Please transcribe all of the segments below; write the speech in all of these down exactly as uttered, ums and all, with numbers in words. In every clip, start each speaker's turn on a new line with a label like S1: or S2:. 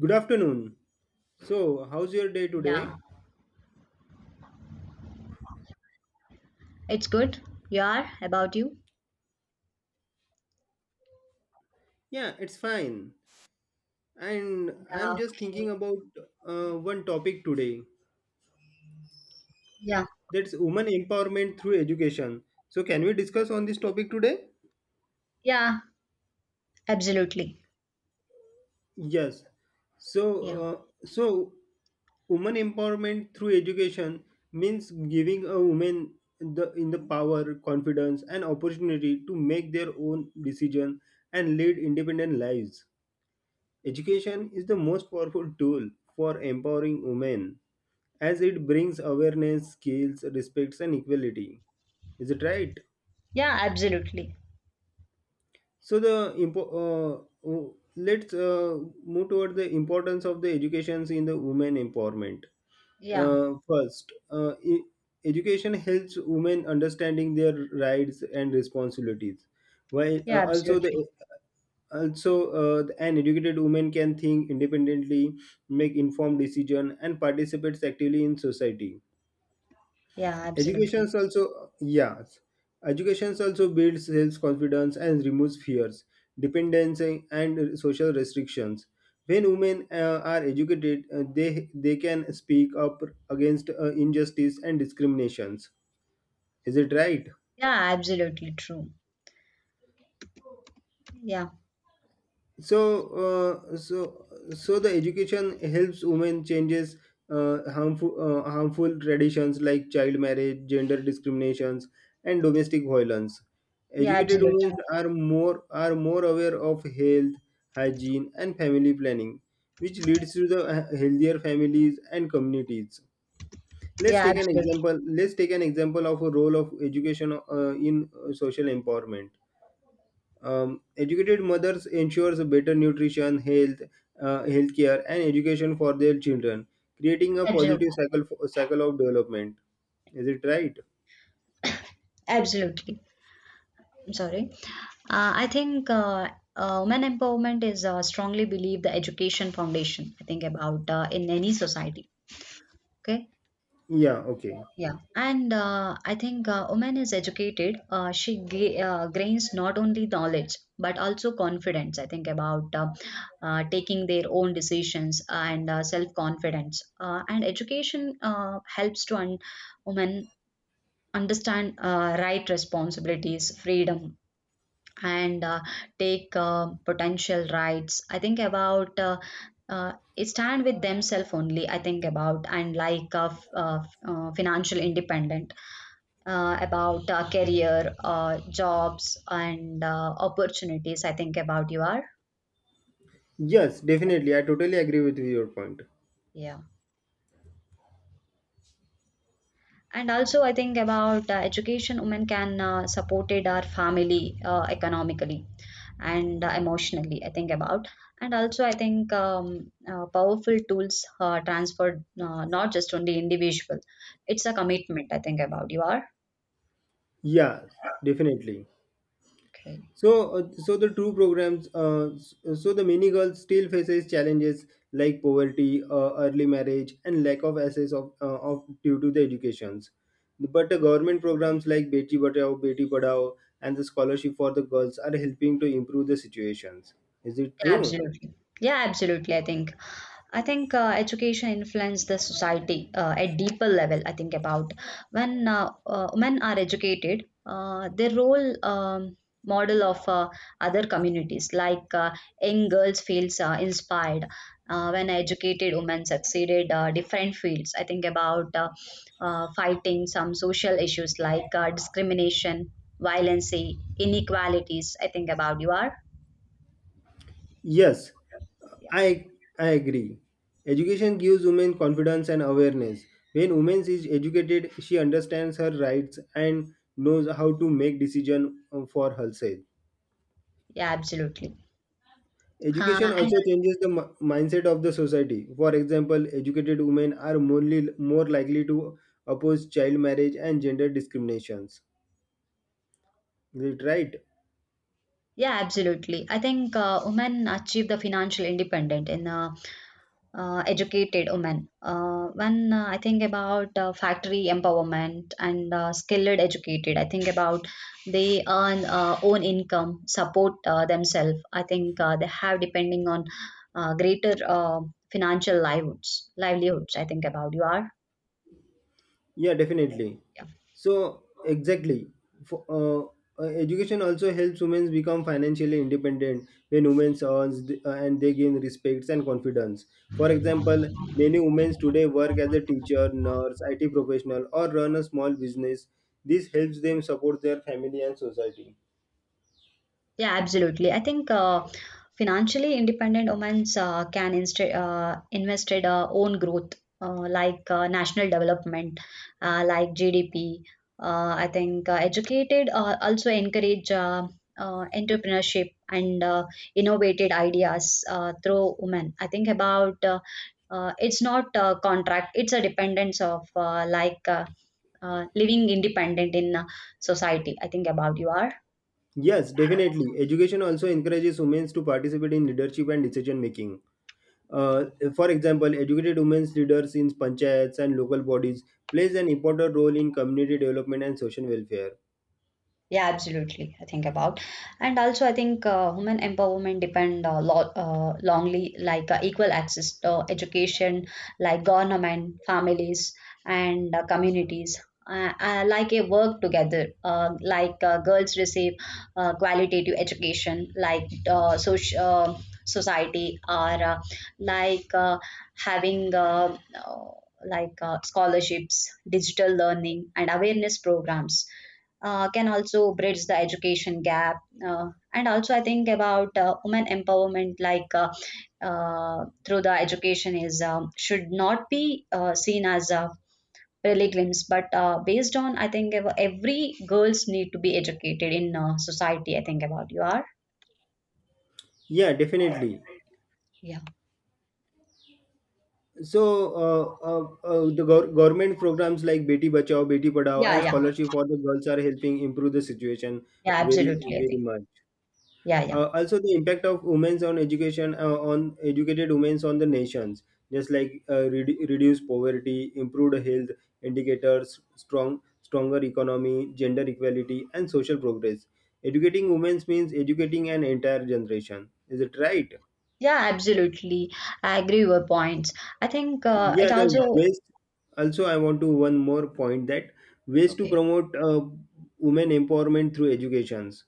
S1: Good afternoon. So, how's your day
S2: Yeah,
S1: today?
S2: it's good. You are about you?
S1: Yeah, it's fine. And I'm
S2: Yeah,
S1: just thinking about uh, one topic today.
S2: yeah,
S1: That's women empowerment through education. So, can we discuss on this topic today?
S2: yeah, absolutely.
S1: Yes. So,
S2: Yeah,
S1: uh, so women empowerment through education means giving a woman the in the power, confidence, and opportunity to make their own decision and lead independent lives. Education is the most powerful tool for empowering women as it brings awareness, skills, respects, and equality. Is it right?
S2: yeah, absolutely.
S1: So the impo- uh, w- let's uh, move toward the importance of the educations in the women empowerment.
S2: Yeah,
S1: Uh, first, uh, e- education helps women understanding their rights and responsibilities. While
S2: yeah,
S1: uh, also the
S2: absolutely.
S1: also uh, an educated woman can think independently, make informed decision, and participates actively in society.
S2: Yeah, absolutely.
S1: Educations also, yes, educations also builds self confidence and removes fears, dependence, and social restrictions. When women uh, are educated, uh, they they can speak up against uh, injustice and discriminations. Is it right?
S2: Yeah, absolutely true. Yeah,
S1: so uh, so so the education helps women changes uh, harmful uh, harmful traditions like child marriage, gender discriminations, and domestic violence.
S2: yeah,
S1: Educated
S2: absolutely.
S1: women are more are more aware of health, hygiene, and family planning, which leads to the uh, healthier families and communities. Let's
S2: Yeah,
S1: take an
S2: absolutely.
S1: example let's take an example of a role of education uh, in uh, social empowerment. Um, educated mothers ensures better nutrition, health, uh, healthcare, and education for their children, creating a
S2: Absolutely.
S1: positive cycle cycle of development. Is it right?
S2: Absolutely. I'm sorry. Uh, I think uh, uh, women empowerment is uh, strongly believe the education foundation. I think about uh, in any society. Okay.
S1: Yeah. Okay.
S2: Yeah, and uh, I think uh, woman is educated. Uh, she ga uh, gains not only knowledge but also confidence. I think about uh, uh, taking their own decisions and uh, self-confidence. Uh, and education uh, helps to un women understand uh, right responsibilities, freedom, and uh, take uh, potential rights. I think about. Uh, uh, stand with themselves only I think about, and like uh, f- uh, f- uh, financial independent uh, about uh, career, uh, jobs, and uh, opportunities. I think about you are.
S1: Yes, definitely. I totally agree with your point.
S2: Yeah. And also, I think about uh, education, women can uh, supported our family uh, economically and uh, emotionally. I think about. And also, I think um, uh, powerful tools uh, transferred uh, not just only individual. It's a commitment. I think about you are.
S1: Yeah, definitely.
S2: Okay.
S1: So, uh, so the two programs, uh, s- uh, so the many girls still faces challenges like poverty, uh, early marriage, and lack of access of, uh, of due to the educations. But the government programs like Beti Bachao, Beti Padhao, and the scholarship for the girls are helping to improve the situations. Is it
S2: Yeah,
S1: true?
S2: absolutely. Yeah, absolutely. I think I think uh, education influences the society uh, at deeper level. I think about when uh, uh, men are educated, uh, their role um, model of uh, other communities like uh, young girls feels uh, inspired. Uh, when educated women succeeded uh, different fields, I think about uh, uh, fighting some social issues like uh, discrimination, violence, inequalities. I think about you are.
S1: Yes,
S2: Yeah,
S1: I I agree. Education gives women confidence and awareness. When women is educated, she understands her rights and knows how to make decision uh, for herself.
S2: yeah, absolutely. Uh,
S1: Education
S2: and
S1: also changes the mi- mindset of the society. For example, educated women are more, more likely to oppose child marriage and gender discriminations. Is it right?
S2: yeah, absolutely. I think uh, women achieve the financial independent in uh, uh, educated women. Uh, when uh, I think about uh, factory empowerment and uh, skilled educated, I think about they earn uh, own income, support uh, themselves. I think uh, they have depending on uh, greater uh, financial livelihoods. Livelihoods. I think about you are.
S1: Yeah, definitely.
S2: Yeah.
S1: So exactly, for, uh, uh, education also helps women become financially independent when women earns th- uh, and they gain respects and confidence. For example, many women today work as a teacher, nurse, I T professional, or run a small business. This helps them support their family and society.
S2: Yeah, absolutely. I think uh, financially independent women uh, can inst uh, invest in uh, own growth, uh, like uh, national development, uh, like G D P. Uh, I think uh, educated uh, also encourage uh, uh, entrepreneurship and uh, innovated ideas uh, through women. I think about uh, uh, it's not a contract; it's a dependence of uh, like uh, uh, living independent in uh, society. I think about you are.
S1: Yes, definitely. Education also encourages women to participate in leadership and decision making. Uh, for example, educated women leaders in panchayats and local bodies plays an important role in community development and social welfare.
S2: Yeah, absolutely. I think about, and also I think uh, women empowerment depend uh, lo- uh, longly like uh, equal access to education, like government, families, and uh, communities. Uh, uh, like a work together, uh, like uh, girls receive uh, qualitative education, like uh, soci- uh, society, or uh, like uh, having uh, uh, like uh, scholarships, digital learning, and awareness programs uh, can also bridge the education gap. Uh, and also, I think about uh, women empowerment, like uh, uh, through the education, is um, should not be uh, seen as a prelims, but uh, based on I think ev- every girls need to be educated in uh, society. I think about you are.
S1: Yeah, definitely.
S2: yeah
S1: So, uh, uh, uh, the gov- government programs like Beti Bachao, Beti Padhao,
S2: yeah
S1: and
S2: yeah
S1: scholarship for the girls are helping improve the situation
S2: yeah
S1: very,
S2: absolutely. I
S1: very
S2: think
S1: much.
S2: yeah yeah
S1: Uh, also, the impact of women's on education, uh, on educated women's on the nations, just like uh, redu- reduce poverty, improved health indicators, strong, stronger economy, gender equality, and social progress. Educating women means educating an entire generation. Is it right?
S2: yeah absolutely. I agree with your points. I think uh, it
S1: Yeah, the
S2: also
S1: ways, also I want to one more point that ways to
S2: okay.
S1: promote uh, women empowerment through educations: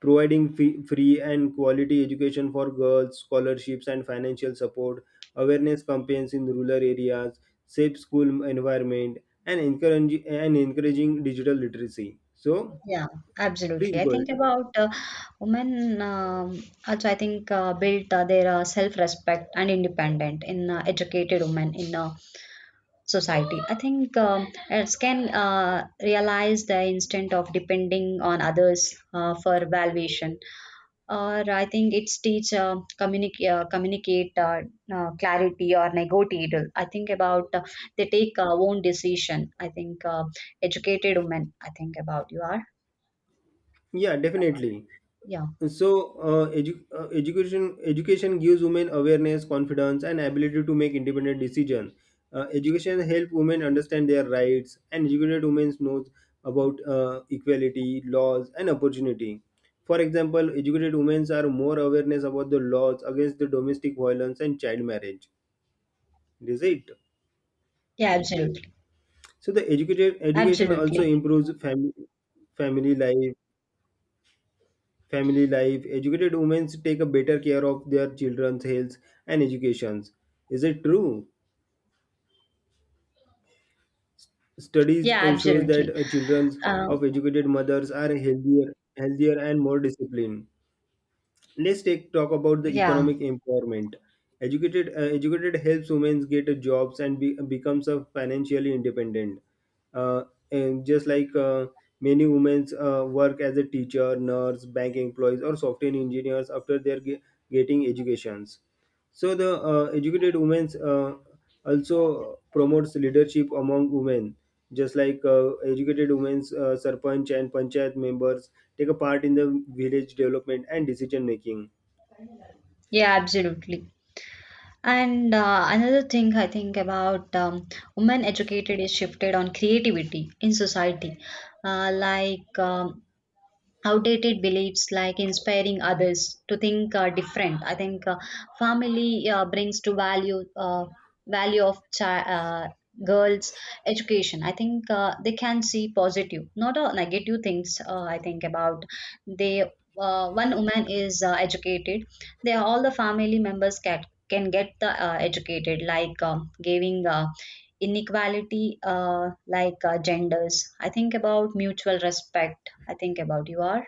S1: providing fee- free and quality education for girls, scholarships and financial support, awareness campaigns in rural areas, safe school environment, and encouraging and encouraging digital literacy. So
S2: Yeah, absolutely.
S1: please
S2: I
S1: go
S2: think
S1: ahead.
S2: about uh, women um, also, I think uh, built uh, their uh, self-respect and independent in uh, educated women in uh, society. I think um, it can uh, realize the instant of depending on others uh, for valuation. Or I think it's teach uh, communicate uh, communicate uh, uh, clarity or negotiate. I think about uh, they take uh, own decision. I think uh, educated women. I think about you are.
S1: Yeah, definitely.
S2: Yeah.
S1: So, uh, edu- uh, education education gives women awareness, confidence, and ability to make independent decisions. Uh, education helps women understand their rights, and educated women knows about uh, equality, laws, and opportunity. For example, educated women are more awareness about the laws against the domestic violence and child marriage. It is it.
S2: Yeah, absolutely.
S1: So, the educated education
S2: Absolutely.
S1: also improves family family life family life. Educated women take a better care of their children's health and educations. Is it true? Studies
S2: Yeah,
S1: uh, shows that
S2: absolutely.
S1: uh, children
S2: Uh,
S1: of educated mothers are healthier, healthier and more disciplined. Let's take talk about the
S2: yeah,
S1: economic empowerment. Educated uh, educated helps women get uh, jobs and be, becomes a financially independent. Uh, and just like uh, Many women uh, work as a teacher, nurse, bank employees, or software engineers after their ge- getting educations. So the uh, educated women uh, also promotes leadership among women, just like uh, educated women, uh, sarpanch and panchayat members take a part in the village development and decision making.
S2: yeah, absolutely. And uh, another thing I think about um, women educated is shifted on creativity in society. Uh, like um, outdated beliefs like inspiring others to think uh, different. I think uh, family uh, brings to value uh, value of chi- uh, girls education. I think uh, they can see positive not a negative things. uh, I think about they uh, one woman is uh, educated, they all the family members can can get the uh, educated like um, giving uh, inequality uh, like uh, genders. I think about mutual respect. I think about you are.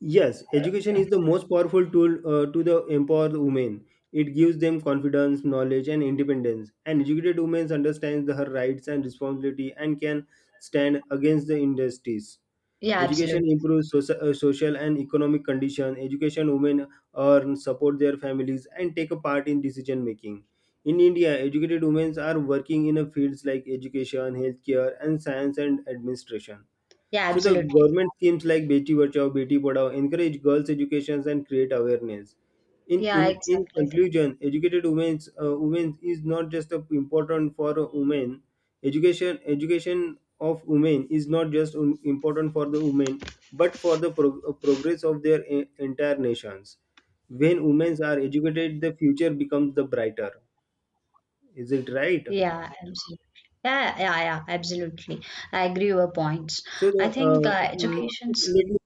S1: Yes, education is the most powerful tool uh, to the empowered women. It gives them confidence, knowledge, and independence. An educated woman understands her rights and responsibility and can stand against the injustice.
S2: Yeah,
S1: Education
S2: absolutely.
S1: improves soci- uh, social and economic condition. Education women earn, support their families, and take a part in decision making. In India, educated women are working in a fields like education, healthcare, and science and administration.
S2: Yeah,
S1: So the
S2: absolutely.
S1: government schemes like Beti Bachao, Beti Padhao encourage girls' educations and create awareness. In
S2: Yeah,
S1: in in
S2: exactly.
S1: conclusion, educated women's uh, women is not just a important for a women. Education education of women is not just um, important for the women, but for the pro- uh, progress of their e- entire nations. When women are educated, the future becomes the brighter. Is it right?
S2: Yeah, absolutely. Yeah, yeah, yeah, absolutely. I agree with your points.
S1: So the,
S2: I think uh,
S1: uh,
S2: education's,
S1: let me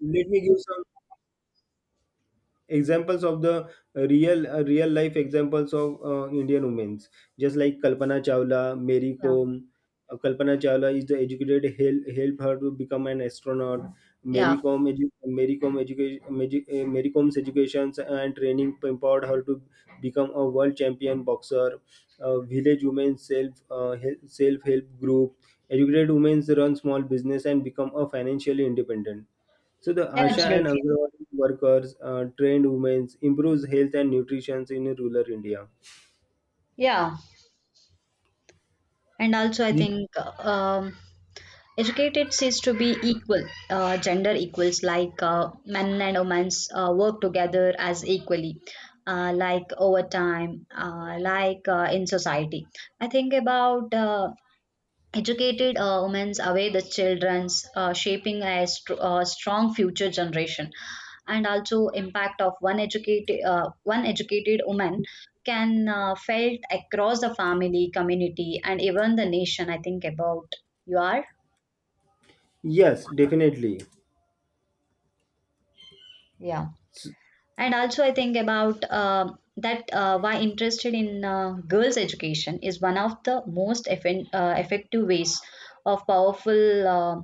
S1: let me give some examples of the uh, real uh, real life examples of uh, indian women, just like Kalpana Chawla, Mary
S2: yeah,
S1: Kom. Uh, Kalpana Chawla is the educated help, help her to become an astronaut. Mary
S2: yeah,
S1: kom edu- mary kom education mary Kom's education and training empowered her to become a world champion boxer. Uh, village women self uh, self help group educated women run small business and become a financially independent. So the
S2: yeah,
S1: ASHA and
S2: absolutely.
S1: Anganwadi workers, uh, trained women, improves health and nutrition in rural India.
S2: Yeah, and also I think uh, um, educated says to be equal. Uh, gender equals like uh, men and women uh, work together as equally. Uh, like over time, uh, like uh, in society. I think about. uh, Educated uh, women away the children's uh, shaping a str- uh, strong future generation, and also impact of one educated uh, one educated woman can uh, felt across the family community and even the nation. I think about you are.
S1: Yes, definitely.
S2: Yeah. And also, I think about um that uh, why interested in uh, girls' education is one of the most effen- uh, effective ways of powerful uh,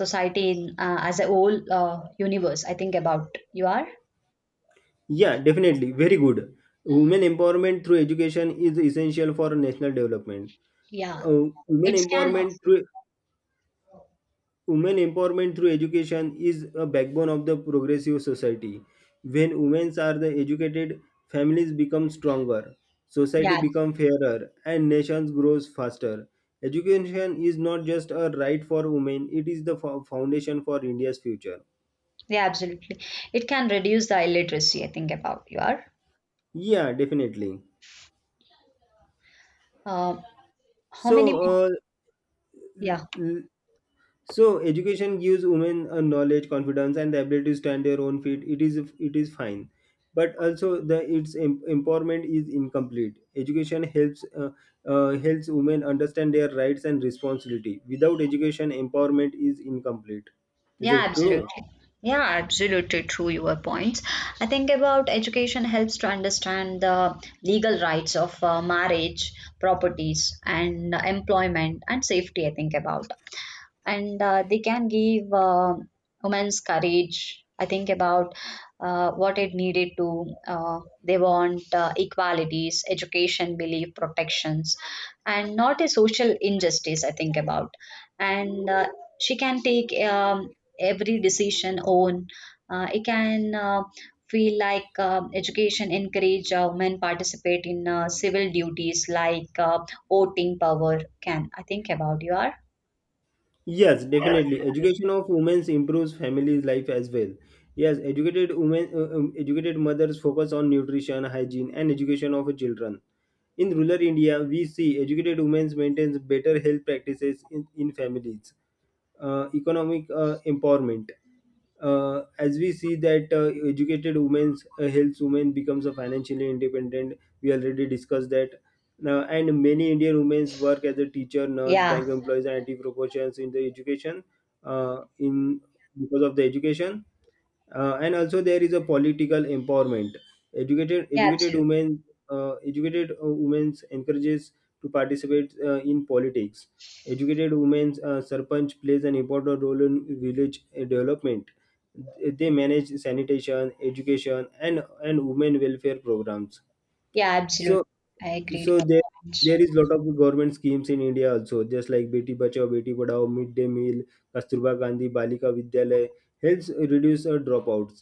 S2: society in, uh, as a whole uh, universe. I think about you are.
S1: Yeah, definitely. Very good. Women empowerment through education is essential for national development.
S2: Yeah,
S1: Uh, women
S2: it can.
S1: empowerment through Women empowerment through education is a backbone of the progressive society. When women are the educated, families become stronger, society
S2: Yeah,
S1: become fairer, and nations grows faster. Education is not just a right for women; it is the fo- foundation for India's future.
S2: yeah, absolutely. It can reduce the illiteracy. I think about you are.
S1: Yeah, definitely.
S2: uh, how many
S1: So,
S2: peop-
S1: uh,
S2: yeah.
S1: So education gives women a knowledge, confidence, and the ability to stand their own feet. It is it is fine, but also the its em- empowerment is incomplete. Education helps uh, uh, helps women understand their rights and responsibility. Without education, empowerment is incomplete. Is
S2: Yeah,
S1: it true?
S2: absolutely. Yeah, absolutely true. Your points. I think about education helps to understand the legal rights of uh, marriage, properties, and employment and safety. I think about. And uh, they can give uh, women's courage. I think about uh, what it needed to. Uh, they want uh, equalities, education, belief, protections, and not a social injustice. I think about, and uh, she can take um, every decision own. Uh, it can. Uh, feel like uh, education encourage uh, women participate in uh, civil duties like uh, voting power can. I think about you are.
S1: Yes, definitely. Education of women improves families' life as well. Yes, educated women, uh, um, educated mothers focus on nutrition, hygiene, and education of children. In rural India, we see educated women maintains better health practices in, in families. Uh, economic uh, empowerment. Uh, as we see that uh, educated women uh, helps women becomes a financially independent. We already discussed that. Now, and many Indian women work as a teacher, nurse,
S2: Yeah.
S1: bank employees, and I T professions in the education. Uh, in because of the education, uh, and also there is a political empowerment. educated
S2: Yeah,
S1: educated
S2: absolutely.
S1: women uh, educated uh, women's encourages to participate uh, in politics. Educated women's uh, sarpanch plays an important role in village uh, development. They manage sanitation, education, and and women welfare programs.
S2: Yeah,
S1: so
S2: absolutely. I agree to
S1: so
S2: your
S1: there
S2: points.
S1: there is lot of government schemes in India also, just like Beti Bachao, Beti Padhao, midday meal, Kasturba Gandhi Balika Vidyalay, helps reduce uh, dropouts.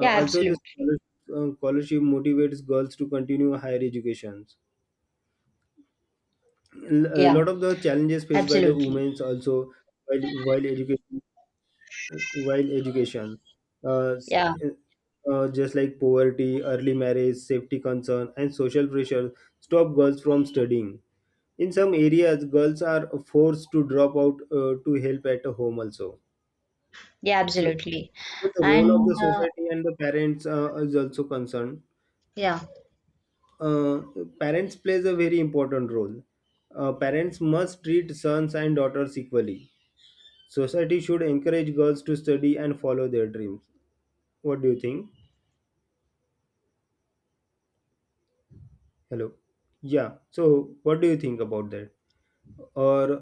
S1: uh,
S2: Yeah,
S1: also, the
S2: absolutely.
S1: scholarship, uh, scholarship motivates girls to continue higher educations. L- A
S2: Yeah,
S1: lot of the challenges faced by the
S2: absolutely.
S1: women also while, while education, while education, uh,
S2: Yeah,
S1: st- uh, just like poverty, early marriage, safety concern, and social pressure, stop girls from studying. In some areas, girls are forced to drop out uh, to help at home also.
S2: yeah,
S1: So,
S2: absolutely.
S1: so the role of
S2: And
S1: the
S2: uh,
S1: society and the parents uh, is also concerned.
S2: yeah,
S1: uh, Parents plays a very important role. Uh, parents must treat sons and daughters equally. Society should encourage girls to study and follow their dreams. What do you think? Hello. Yeah. So, what do you think about that? Or